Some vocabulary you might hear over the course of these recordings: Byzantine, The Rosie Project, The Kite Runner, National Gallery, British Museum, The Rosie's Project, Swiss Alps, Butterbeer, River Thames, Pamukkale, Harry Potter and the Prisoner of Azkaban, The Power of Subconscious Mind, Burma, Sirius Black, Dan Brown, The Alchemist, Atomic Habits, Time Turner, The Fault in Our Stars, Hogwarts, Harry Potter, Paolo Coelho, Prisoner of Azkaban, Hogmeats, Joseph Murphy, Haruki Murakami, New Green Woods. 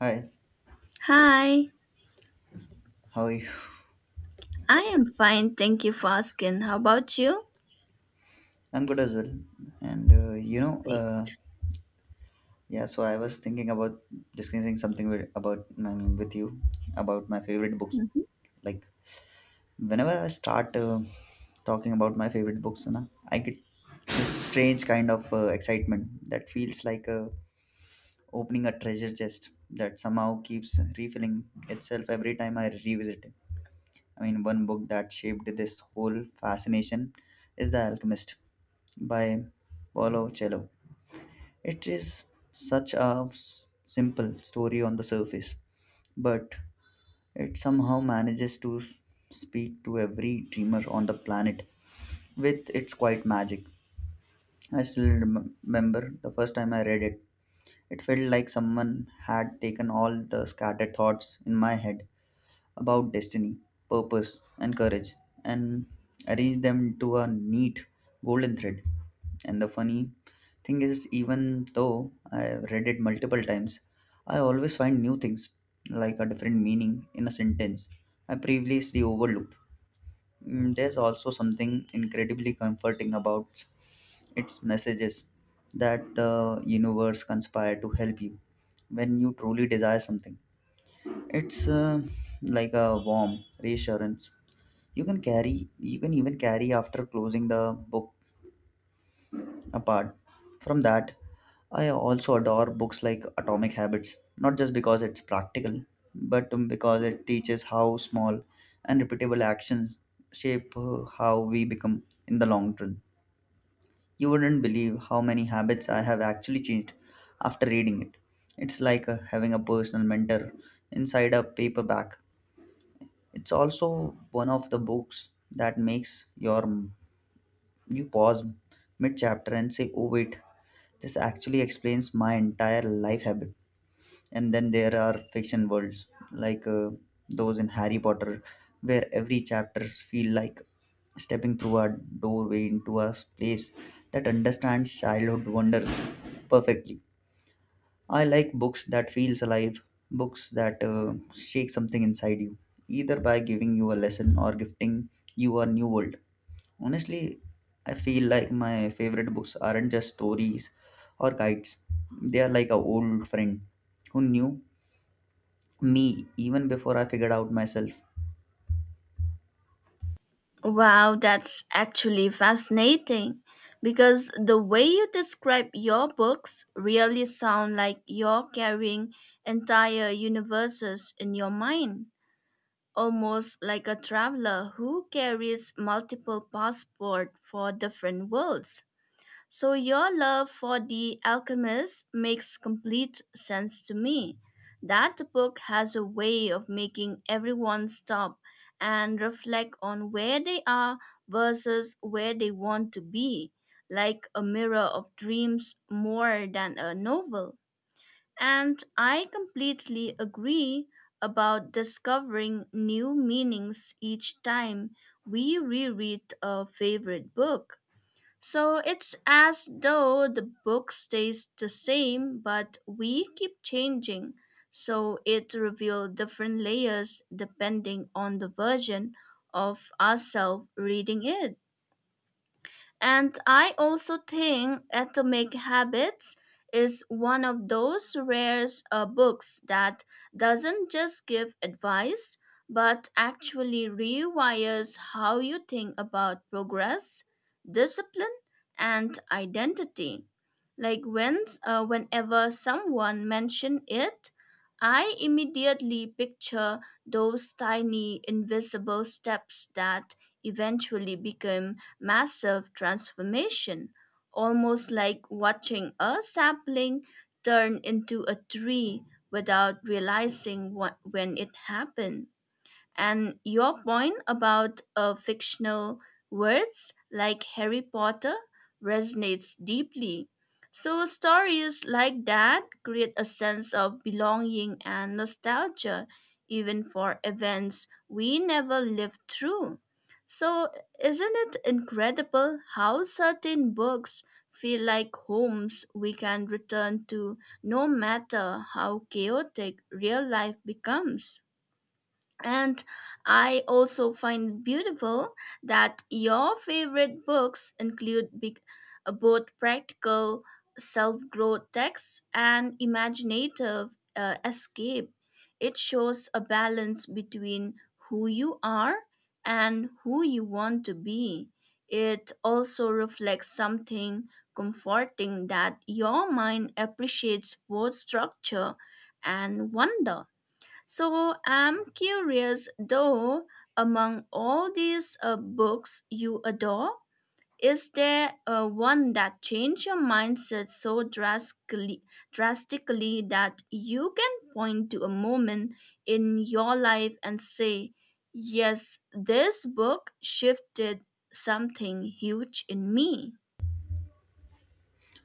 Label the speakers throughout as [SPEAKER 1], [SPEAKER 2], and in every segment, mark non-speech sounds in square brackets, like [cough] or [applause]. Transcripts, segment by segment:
[SPEAKER 1] Hi,
[SPEAKER 2] Hi,
[SPEAKER 1] how are you?
[SPEAKER 2] I am fine. Thank you for asking. How about you?
[SPEAKER 1] I'm good as well. And you know,
[SPEAKER 2] Great.
[SPEAKER 1] yeah. So I was thinking about discussing something with, about I mean with you about my favorite books.
[SPEAKER 2] Mhm.
[SPEAKER 1] Like whenever I start talking about my favorite books, na, I get this strange kind of excitement that feels like opening a treasure chest that somehow keeps refilling itself every time I revisit it. I mean, one book that shaped this whole fascination is The Alchemist by Paolo Coelho. It is such a simple story on the surface, but it somehow manages to speak to every dreamer on the planet with its quiet magic. I still remember the first time I read it. It felt like someone had taken all the scattered thoughts in my head about destiny, purpose, and courage, and arrange them to a neat golden thread. And the funny thing is, even though I read it multiple times, I always find new things, like a different meaning in a sentence I previously overlooked. There's also something incredibly comforting about its messages that the universe conspire to help you when you truly desire something. It's like a warm reassurance. You can carry, you can even carry after closing the book. Apart from that, I also adore books like Atomic Habits, not just because it's practical, but because it teaches how small and repeatable actions shape how we become in the long run. You wouldn't believe how many habits I have actually changed after reading it. It's like having a personal mentor inside a paperback. It's also one of the books that makes you pause mid chapter and say, "Oh wait, this actually explains my entire life habit." And then there are fiction worlds like those in Harry Potter, where every chapter feel like stepping through a doorway into a place that understands childhood wonders perfectly. I like books that feels alive, books that shake something inside you, either by giving you a lesson or gifting you a new world. Honestly, I feel like my favorite books aren't just stories or guides. They are like a old friend who knew me even before I figured out myself.
[SPEAKER 2] Wow, that's actually fascinating because the way you describe your books really sound like you're carrying entire universes in your mind, almost like a traveler who carries multiple passports for different worlds. So your love for The Alchemist makes complete sense to me. That book has a way of making everyone stop and reflect on where they are versus where they want to be, like a mirror of dreams more than a novel. And I completely agree about discovering new meanings each time we reread a favorite book. So it's as though the book stays the same, but we keep changing. So it reveals different layers depending on the version of ourselves reading it. And I also think Atomic Habits is one of those rare books that doesn't just give advice, but actually rewires how you think about progress, discipline, and identity. Like whenever someone mentioned it, I immediately picture those tiny invisible steps that eventually become massive transformation, almost like watching a sapling turn into a tree without realizing when it happened. And your point about fictional words like Harry Potter resonates deeply. So, stories like that create a sense of belonging and nostalgia, even for events we never lived through. So, isn't it incredible how certain books feel like homes we can return to no matter how chaotic real life becomes? And I also find it beautiful that your favorite books include both practical self growth texts and imaginative escape. It shows a balance between who you are and who you want to be. It also reflects something comforting that your mind appreciates both structure and wonder. So I'm curious though, among all these books you adore, is there one that changed your mindset so drastically that you can point to a moment in your life and say, yes, this book shifted something huge in me?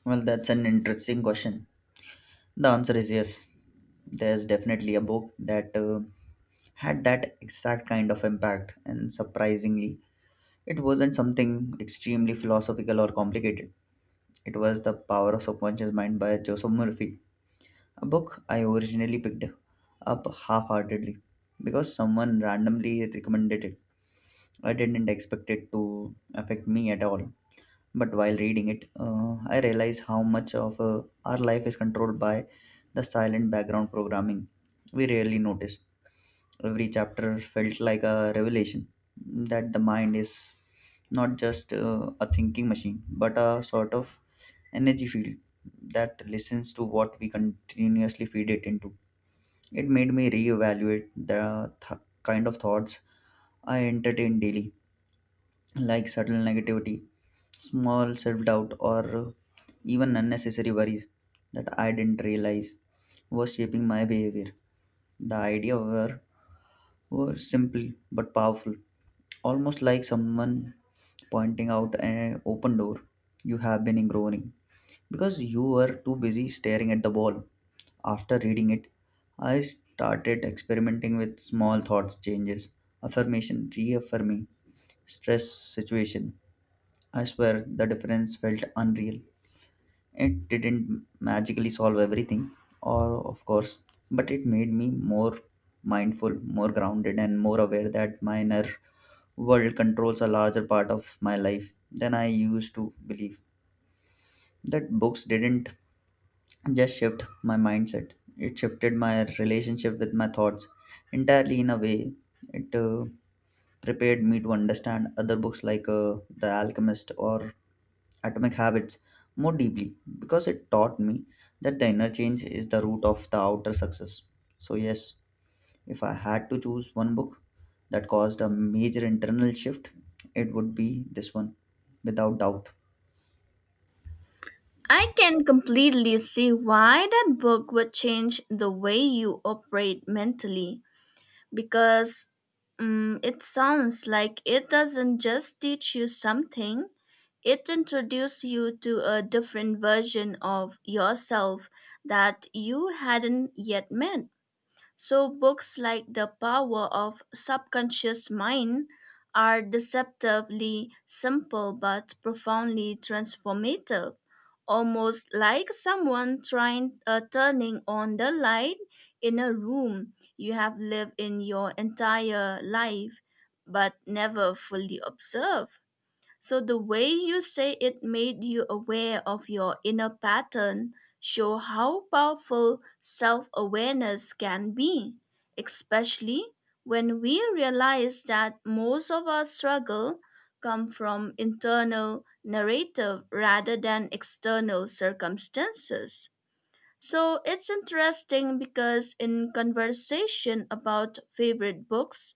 [SPEAKER 1] Well, that's an interesting question. The answer is yes. There's definitely a book that had that exact kind of impact, and surprisingly, it wasn't something extremely philosophical or complicated. It was The Power of Subconscious Mind by Joseph Murphy, a book I originally picked up half heartedly because someone randomly recommended it. I didn't expect it to affect me at all. But while reading it, I realized how much of our life is controlled by the silent background programming we rarely notice. Every chapter felt like a revelation that the mind is not just a thinking machine, but a sort of energy field that listens to what we continuously feed it into. It made me reevaluate the kind of thoughts I entertain daily, like subtle negativity, small self doubt, or even unnecessary worries that I didn't realize was shaping my behavior. The idea were simple but powerful, almost like someone pointing out an open door you have been ignoring because you were too busy staring at the wall. After reading it, I started experimenting with small thoughts changes, affirmation, reaffirming stress situation. I swear the difference felt unreal. It didn't magically solve everything, or of course, but it made me more mindful, more grounded, and more aware that my inner world controls a larger part of my life than I used to believe. That books didn't just shift my mindset, it shifted my relationship with my thoughts entirely in a way. It prepared me to understand other books like The Alchemist or Atomic Habits more deeply because it taught me that the inner change is the root of the outer success. So, yes, if I had to choose one book that caused a major internal shift, it would be this one, without doubt.
[SPEAKER 2] I can completely see why that book would change the way you operate mentally, because it sounds like it doesn't just teach you something, it introduces you to a different version of yourself that you hadn't yet met. So, books like The Power of Subconscious Mind are deceptively simple but profoundly transformative, almost like someone trying turning on the light in a room you have lived in your entire life but never fully observed. So the way you say it made you aware of your inner pattern show how powerful self-awareness can be, especially when we realize that most of our struggle come from internal narrative rather than external circumstances. So it's interesting because in conversation about favorite books,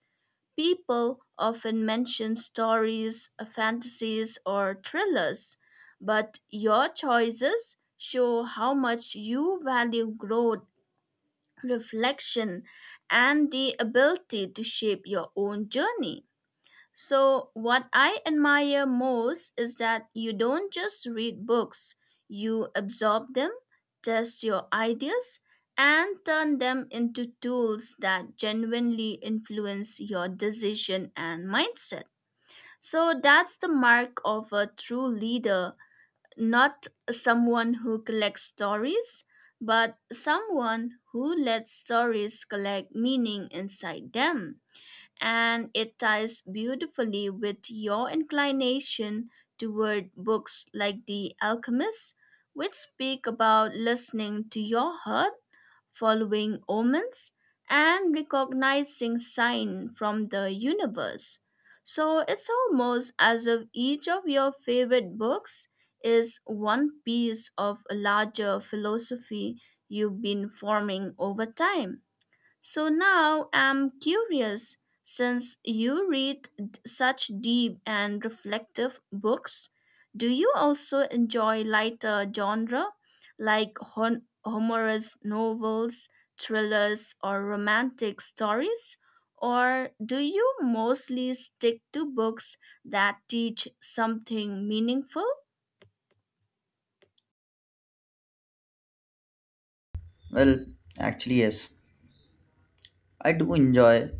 [SPEAKER 2] people often mention fantasies, or thrillers, but your choices show how much you value growth, reflection, and the ability to shape your own journey. So, what I admire most is that you don't just read books, you absorb them, test your ideas, and turn them into tools that genuinely influence your decision and mindset. So, that's the mark of a true leader, not someone who collects stories, but someone who lets stories collect meaning inside them, and it ties beautifully with your inclination toward books like The Alchemist, which speak about listening to your heart, following omens, and recognizing signs from the universe. So it's almost as if each of your favorite books is one piece of a larger philosophy you've been forming over time. So now I'm curious, since you read such deep and reflective books, do you also enjoy lighter genre like humorous novels, thrillers, or romantic stories? Or do you mostly stick to books that teach something meaningful?
[SPEAKER 1] Well, actually, yes. I do enjoy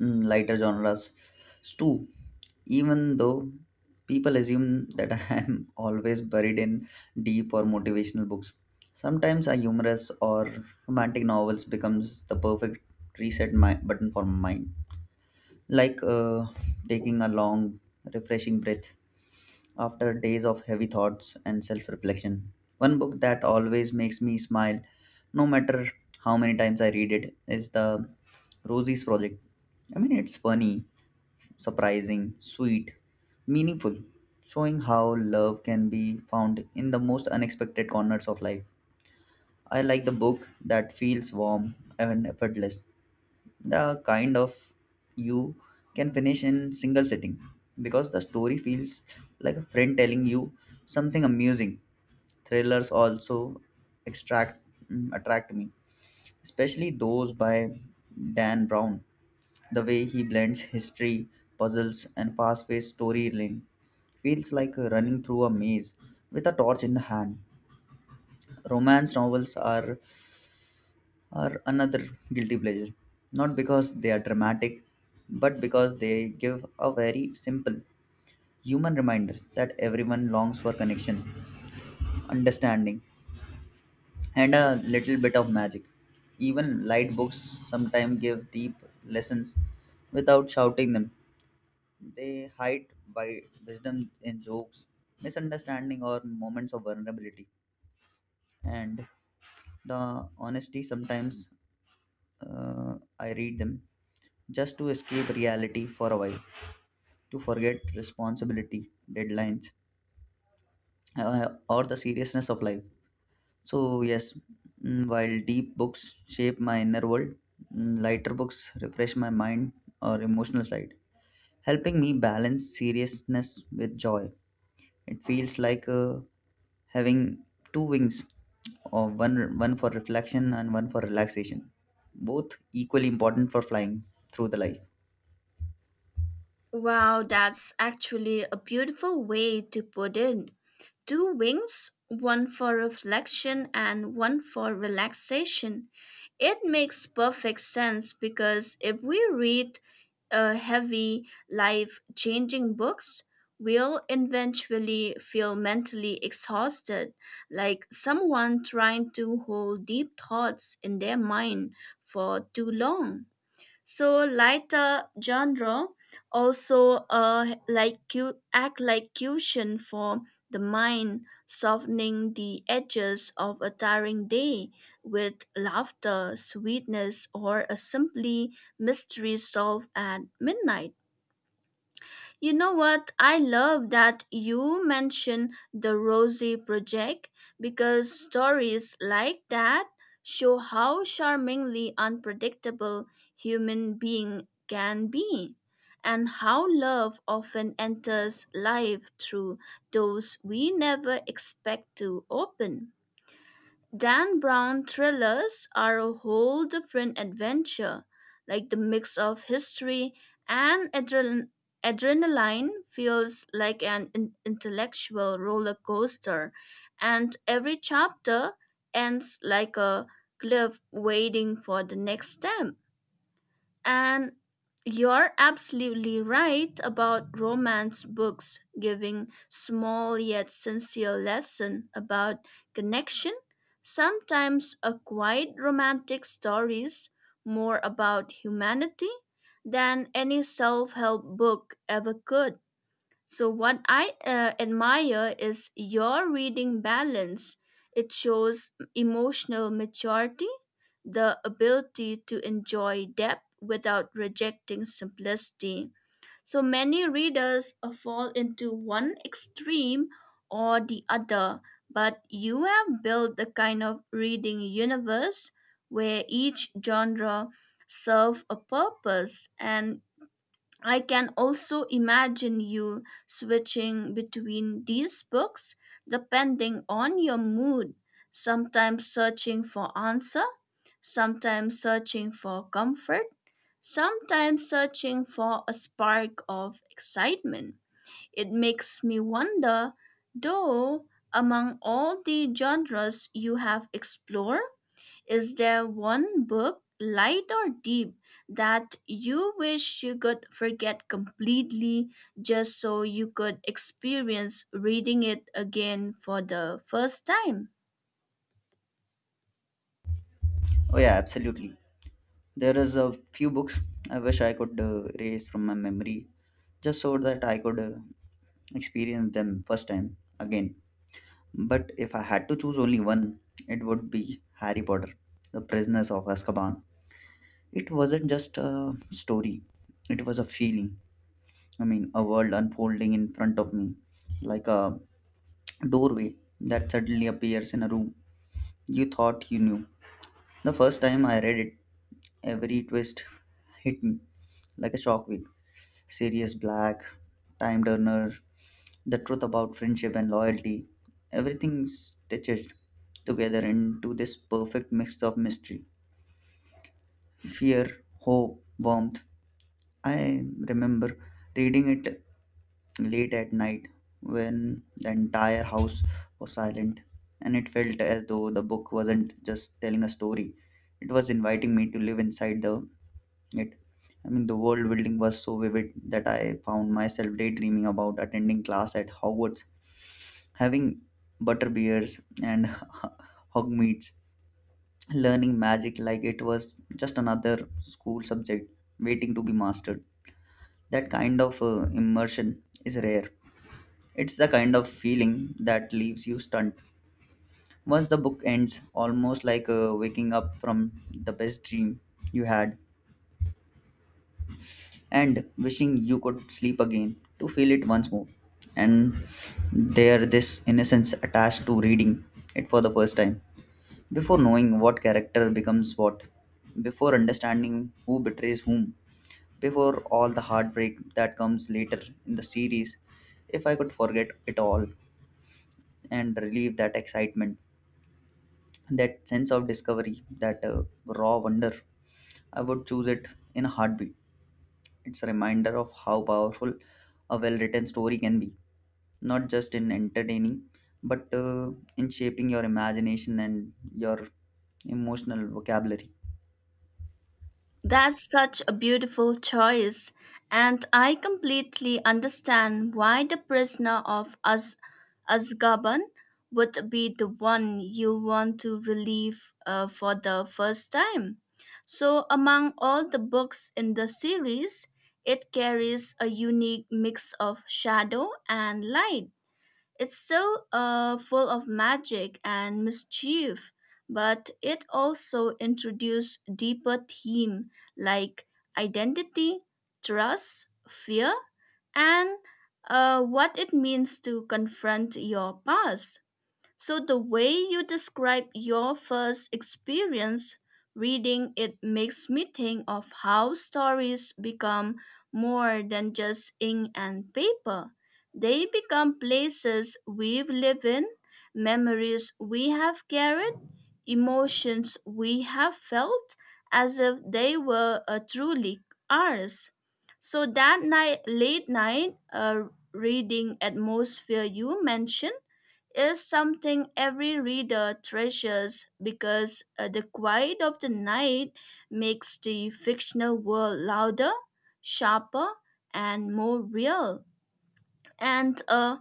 [SPEAKER 1] lighter genres too, even though people assume that [laughs] I am always buried in deep or motivational books. Sometimes a humorous or romantic novels becomes the perfect reset button for my mind, like taking a long, refreshing breath. After days of heavy thoughts and self reflection, one book that always makes me smile, no matter how many times I read it, is The Rosie's Project. I mean, it's funny, surprising, sweet, meaningful, showing how love can be found in the most unexpected corners of life. I like the book that feels warm and effortless, the kind of you can finish in single sitting because the story feels like a friend telling you something amusing. Thrillers also extract attract me, especially those by Dan Brown. The way he blends history, puzzles and fast-paced storyline feels like running through a maze with a torch in the hand. Romance novels are another guilty pleasure. Not because they are dramatic, but because they give a very simple human reminder that everyone longs for connection, understanding, and a little bit of magic. Even light books sometimes give deep lessons without shouting them. They hide by wisdom in jokes, misunderstanding, or moments of vulnerability. And the honesty sometimes I read them just to escape reality for a while, to forget responsibility, deadlines, or the seriousness of life. So, yes, while deep books shape my inner world, lighter books refresh my mind or emotional side, helping me balance seriousness with joy. It feels like having two wings, or one for reflection and one for relaxation, both equally important for flying through the life.
[SPEAKER 2] Wow, that's actually a beautiful way to put it. Two wings, one for reflection and one for relaxation. It makes perfect sense because if we read a heavy, life changing books, we'll eventually feel mentally exhausted, like someone trying to hold deep thoughts in their mind for too long. So lighter genre also act like cushion for the mind, softening the edges of a tiring day with laughter sweetness or a simply mystery solved at midnight. You know what? I love that you mention the Rosie Project because stories like that show how charmingly unpredictable human being can be and how love often enters life through doors we never expect to open. Dan Brown thrillers are a whole different adventure, like the mix of history and adrenaline feels like an intellectual roller coaster, and every chapter ends like a cliff waiting for the next step. And you're absolutely right about romance books giving small yet sincere lesson about connection. Sometimes a quiet romantic stories more about humanity than any self-help book ever could. So, what I admire is your reading balance. It shows emotional maturity, the ability to enjoy depth without rejecting simplicity. So, many readers fall into one extreme or the other, but you have built the kind of reading universe where each genre serves a purpose, and I can also imagine you switching between these books depending on your mood, sometimes searching for answer, sometimes searching for comfort, sometimes searching for a spark of excitement. It makes me wonder, though, among all the genres you have explored, is there one book, light or deep, that you wish you could forget completely just so you could experience reading it again for the first time?
[SPEAKER 1] Oh yeah, absolutely. There is a few books I wish I could erase from my memory just so that I could experience them first time again. But if I had to choose only one, it would be Harry Potter, The Prisoners of Azkaban. It wasn't just a story, it was a feeling. I mean, a world unfolding in front of me, like a doorway that suddenly appears in a room you thought you knew. The first time I read it, every twist hit me like a shockwave. Serious, Black, Time Turner, The Truth About Friendship and Loyalty. Everything's stitched together into this perfect mix of mystery, fear, hope, warmth. I remember reading it late at night when the entire house was silent, and it felt as though the book wasn't just telling a story, it was inviting me to live inside the it. I mean, the world building was so vivid that I found myself daydreaming about attending class at Hogwarts, having butterbeers and [laughs] hogmeats, learning magic like it was just another school subject waiting to be mastered. That kind of immersion is rare. It's the kind of feeling that leaves you stunned once the book ends, almost like waking up from the best dream you had and wishing you could sleep again to feel it once more. And this innocence attached to reading it for the first time, before knowing what character becomes what, before understanding who betrays whom, before all the heartbreak that comes later in the series. If I could forget it all and relieve that excitement, that sense of discovery, that raw wonder, I would choose it in a heartbeat. It's a reminder of how powerful a well written story can be, not just in entertaining but in shaping your imagination and your emotional vocabulary.
[SPEAKER 2] That's such a beautiful choice, and I completely understand why the prisoner of Azkaban would be the one you want to relieve for the first time. So, among all the books in the series, it carries a unique mix of shadow and light. It's still full of magic and mischief, but it also introduced deeper themes like identity, trust, fear, and what it means to confront your past. So, the way you describe your first experience reading it makes me think of how stories become more than just ink and paper. They become places we've lived in, memories we have carried, emotions we have felt as if they were truly ours. So, that late night reading atmosphere you mentioned is something every reader treasures because the quiet of the night makes the fictional world louder, sharper, and more real. And uh,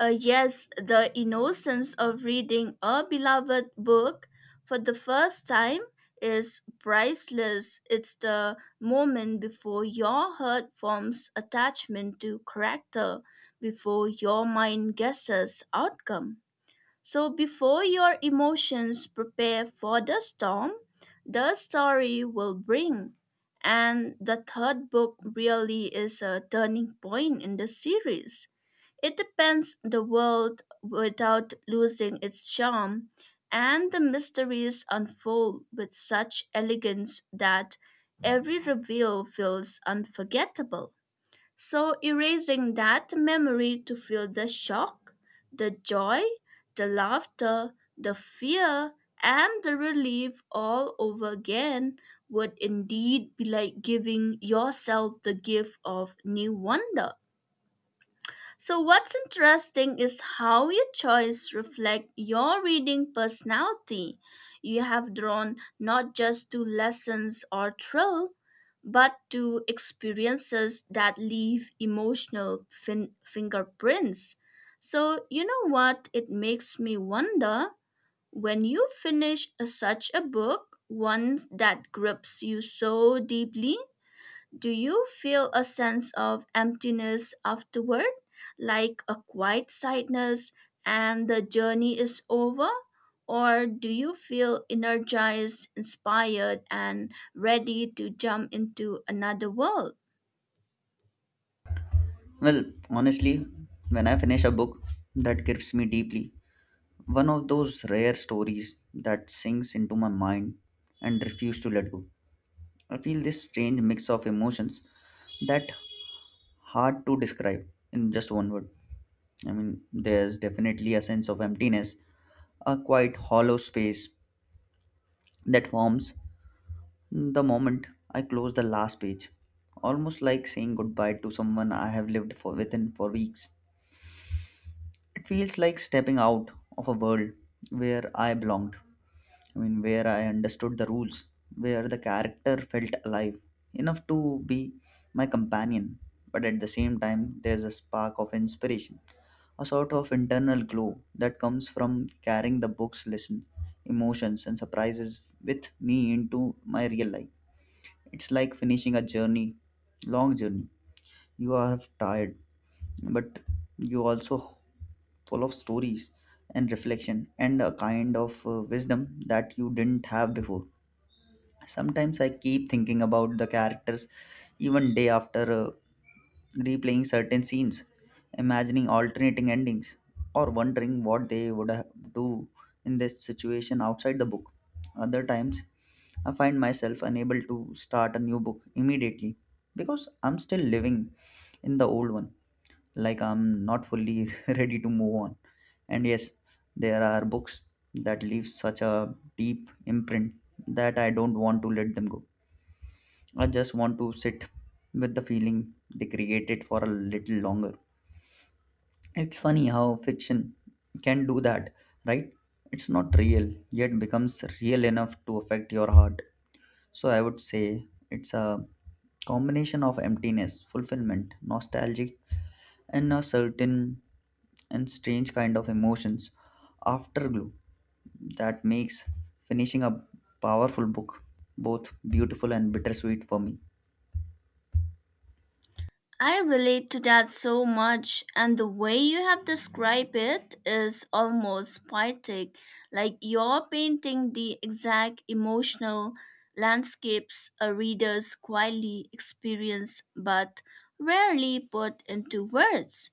[SPEAKER 2] uh, yes, the innocence of reading a beloved book for the first time is priceless. It's the moment before your heart forms attachment to character, before your mind guesses outcome. So before your emotions prepare for the storm, the story will bring. And the third book really is a turning point in the series. It depends the world without losing its charm, and the mysteries unfold with such elegance that every reveal feels unforgettable. So, erasing that memory to feel the shock, the joy, the laughter, the fear, and the relief all over again would indeed be like giving yourself the gift of new wonder. So what's interesting is how your choice reflect your reading personality. You have drawn not just to lessons or thrill, but to experiences that leave emotional fingerprints. So you know what? It makes me wonder when you finish such a book, one that grips you so deeply, do you feel a sense of emptiness afterward, like a quiet sadness and the journey is over? Or do you feel energized, inspired, and ready to jump into another world?
[SPEAKER 1] Well, honestly, when I finish a book that grips me deeply, one of those rare stories that sinks into my mind and refuse to let go, I feel this strange mix of emotions that hard to describe in just one word. I mean, there's definitely a sense of emptiness, a quite hollow space that forms the moment I close the last page, almost like saying goodbye to someone I have lived for within for weeks. It feels like stepping out of a world where I belonged. I mean, where I understood the rules, where the character felt alive enough to be my companion. But at the same time, there's a spark of inspiration, a sort of internal glow that comes from carrying the book's lesson, emotions, and surprises with me into my real life. It's like finishing a journey, long journey. You are tired, but you also full of stories and reflection and a kind of wisdom that you didn't have before. Sometimes I keep thinking about the characters even day after replaying certain scenes, imagining alternating endings, or wondering what they would do in this situation outside the book. Other times, I find myself unable to start a new book immediately because I'm still living in the old one, like I'm not fully [laughs] ready to move on. And yes, there are books that leave such a deep imprint that I don't want to let them go. I just want to sit with the feeling they created for a little longer. It's funny how fiction can do that, right? It's not real, yet becomes real enough to affect your heart. So I would say it's a combination of emptiness, fulfillment, nostalgia, and a certain and strange kind of emotions afterglow that makes finishing a powerful book both beautiful and bittersweet for me.
[SPEAKER 2] I relate to that so much, and the way you have described it is almost poetic, like you're painting the exact emotional landscapes a reader's quietly experience but rarely put into words.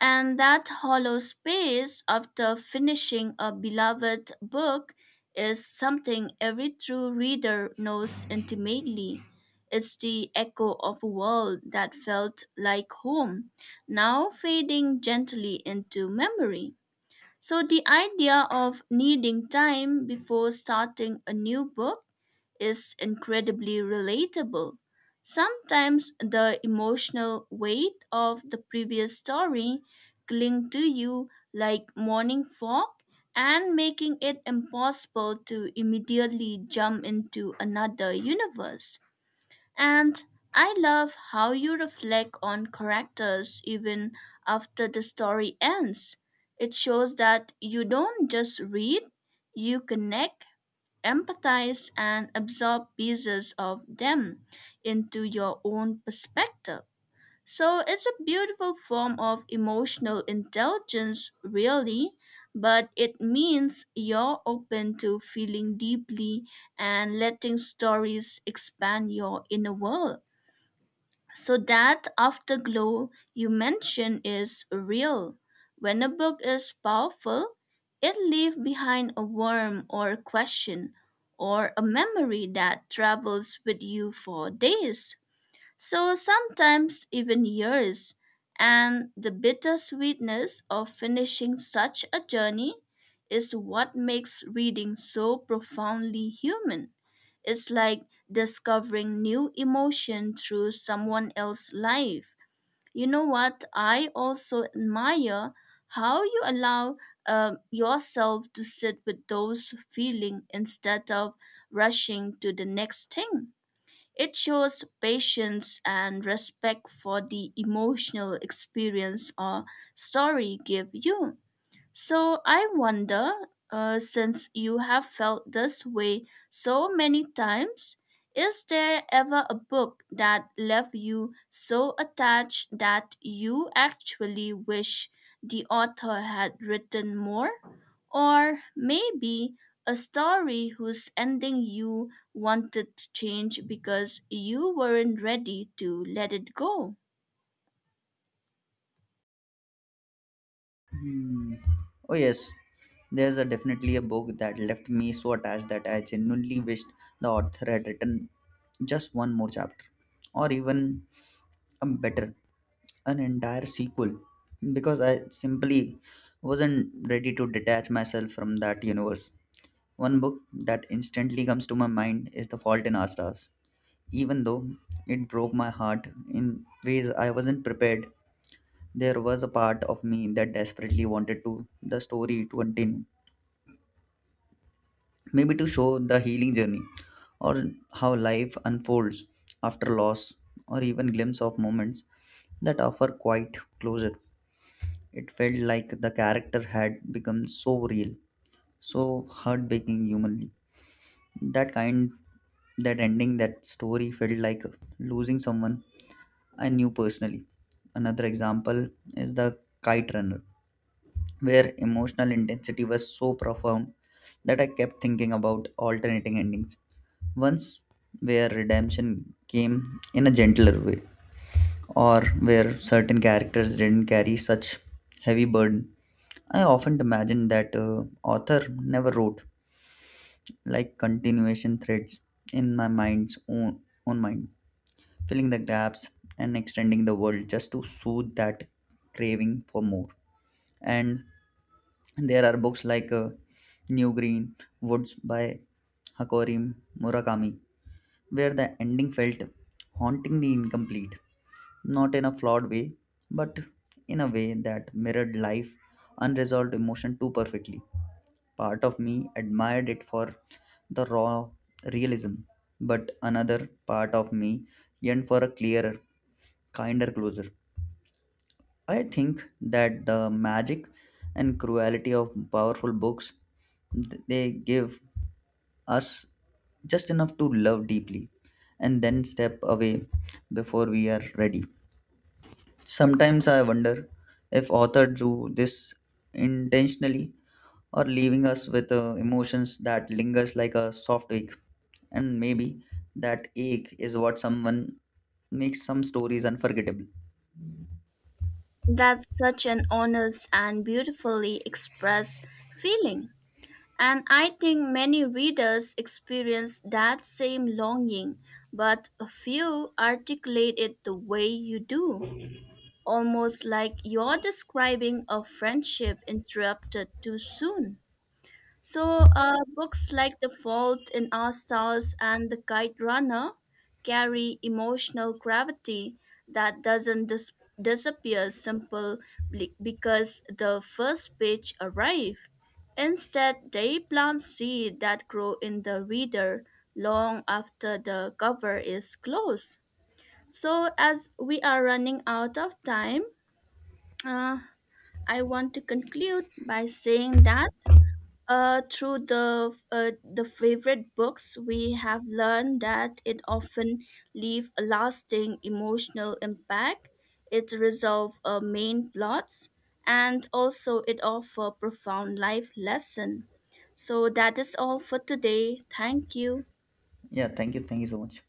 [SPEAKER 2] And that hollow space after finishing a beloved book is something every true reader knows intimately. It's the echo of a world that felt like home, now fading gently into memory. So, the idea of needing time before starting a new book is incredibly relatable. Sometimes the emotional weight of the previous story cling to you like morning fog and making it impossible to immediately jump into another universe. And I love how you reflect on characters even after the story ends. It shows that you don't just read, you connect, empathize and absorb pieces of them into your own perspective. So it's a beautiful form of emotional intelligence, really, but it means you're open to feeling deeply and letting stories expand your inner world. So that afterglow you mention is real. When a book is powerful, it leaves behind a worm or a question or a memory that travels with you for days. So sometimes even years, and the bittersweetness of finishing such a journey is what makes reading so profoundly human. It's like discovering new emotion through someone else's life. You know what? I also admire how you allow yourself to sit with those feelings instead of rushing to the next thing. It shows patience and respect for the emotional experience or story give you. So I wonder, since you have felt this way so many times, is there ever a book that left you so attached that you actually wish the author had written more? Or maybe a story whose ending you wanted to change because you weren't ready to let it go?
[SPEAKER 1] Hmm. Oh yes, there's a definitely a book that left me so attached that I genuinely wished the author had written just one more chapter, or even a better, an entire sequel, because I simply wasn't ready to detach myself from that universe. One book that instantly comes to my mind is *The Fault in Our Stars*, even though it broke my heart in ways I wasn't prepared. There was a part of me that desperately wanted to the story to continue, maybe to show the healing journey or how life unfolds after loss, or even glimpse of moments that offer quite closure. It felt like the character had become so real, so heartbreaking humanly, that kind that ending that story felt like losing someone I knew personally. Another example is the Kite Runner, where emotional intensity was so profound that I kept thinking about alternating endings. Once where redemption came in a gentler way, or where certain characters didn't carry such heavy burden. I often imagine that author never wrote like continuation threads in my own mind, filling the gaps and extending the world just to soothe that craving for more. And there are books like New Green Woods by Hakori Murakami where the ending felt hauntingly incomplete, not in a flawed way, but in a way that mirrored life, unresolved emotion too perfectly. Part of me admired it for the raw realism, but another part of me yearned for a clearer, kinder closure. I think that the magic and cruelty of powerful books, they give us just enough to love deeply and then step away before we are ready. Sometimes I wonder if author drew this intentionally, or leaving us with emotions that lingers like a soft ache, and maybe that ache is what someone makes some stories unforgettable.
[SPEAKER 2] That's such an honest and beautifully expressed feeling. And I think many readers experience that same longing, but a few articulate it the way you do, almost like you're describing a friendship interrupted too soon. So, books like The Fault in Our Stars and The Kite Runner carry emotional gravity that doesn't disappear simply because the first page arrived. Instead, they plant seeds that grow in the reader long after the cover is closed. So, as we are running out of time, uh, I want to conclude by saying that through the favorite books, we have learned that it often leave a lasting emotional impact. It resolve main plots, and also it offer profound life lesson. So that is all for today. Thank you.
[SPEAKER 1] Yeah, thank you. Thank you so much.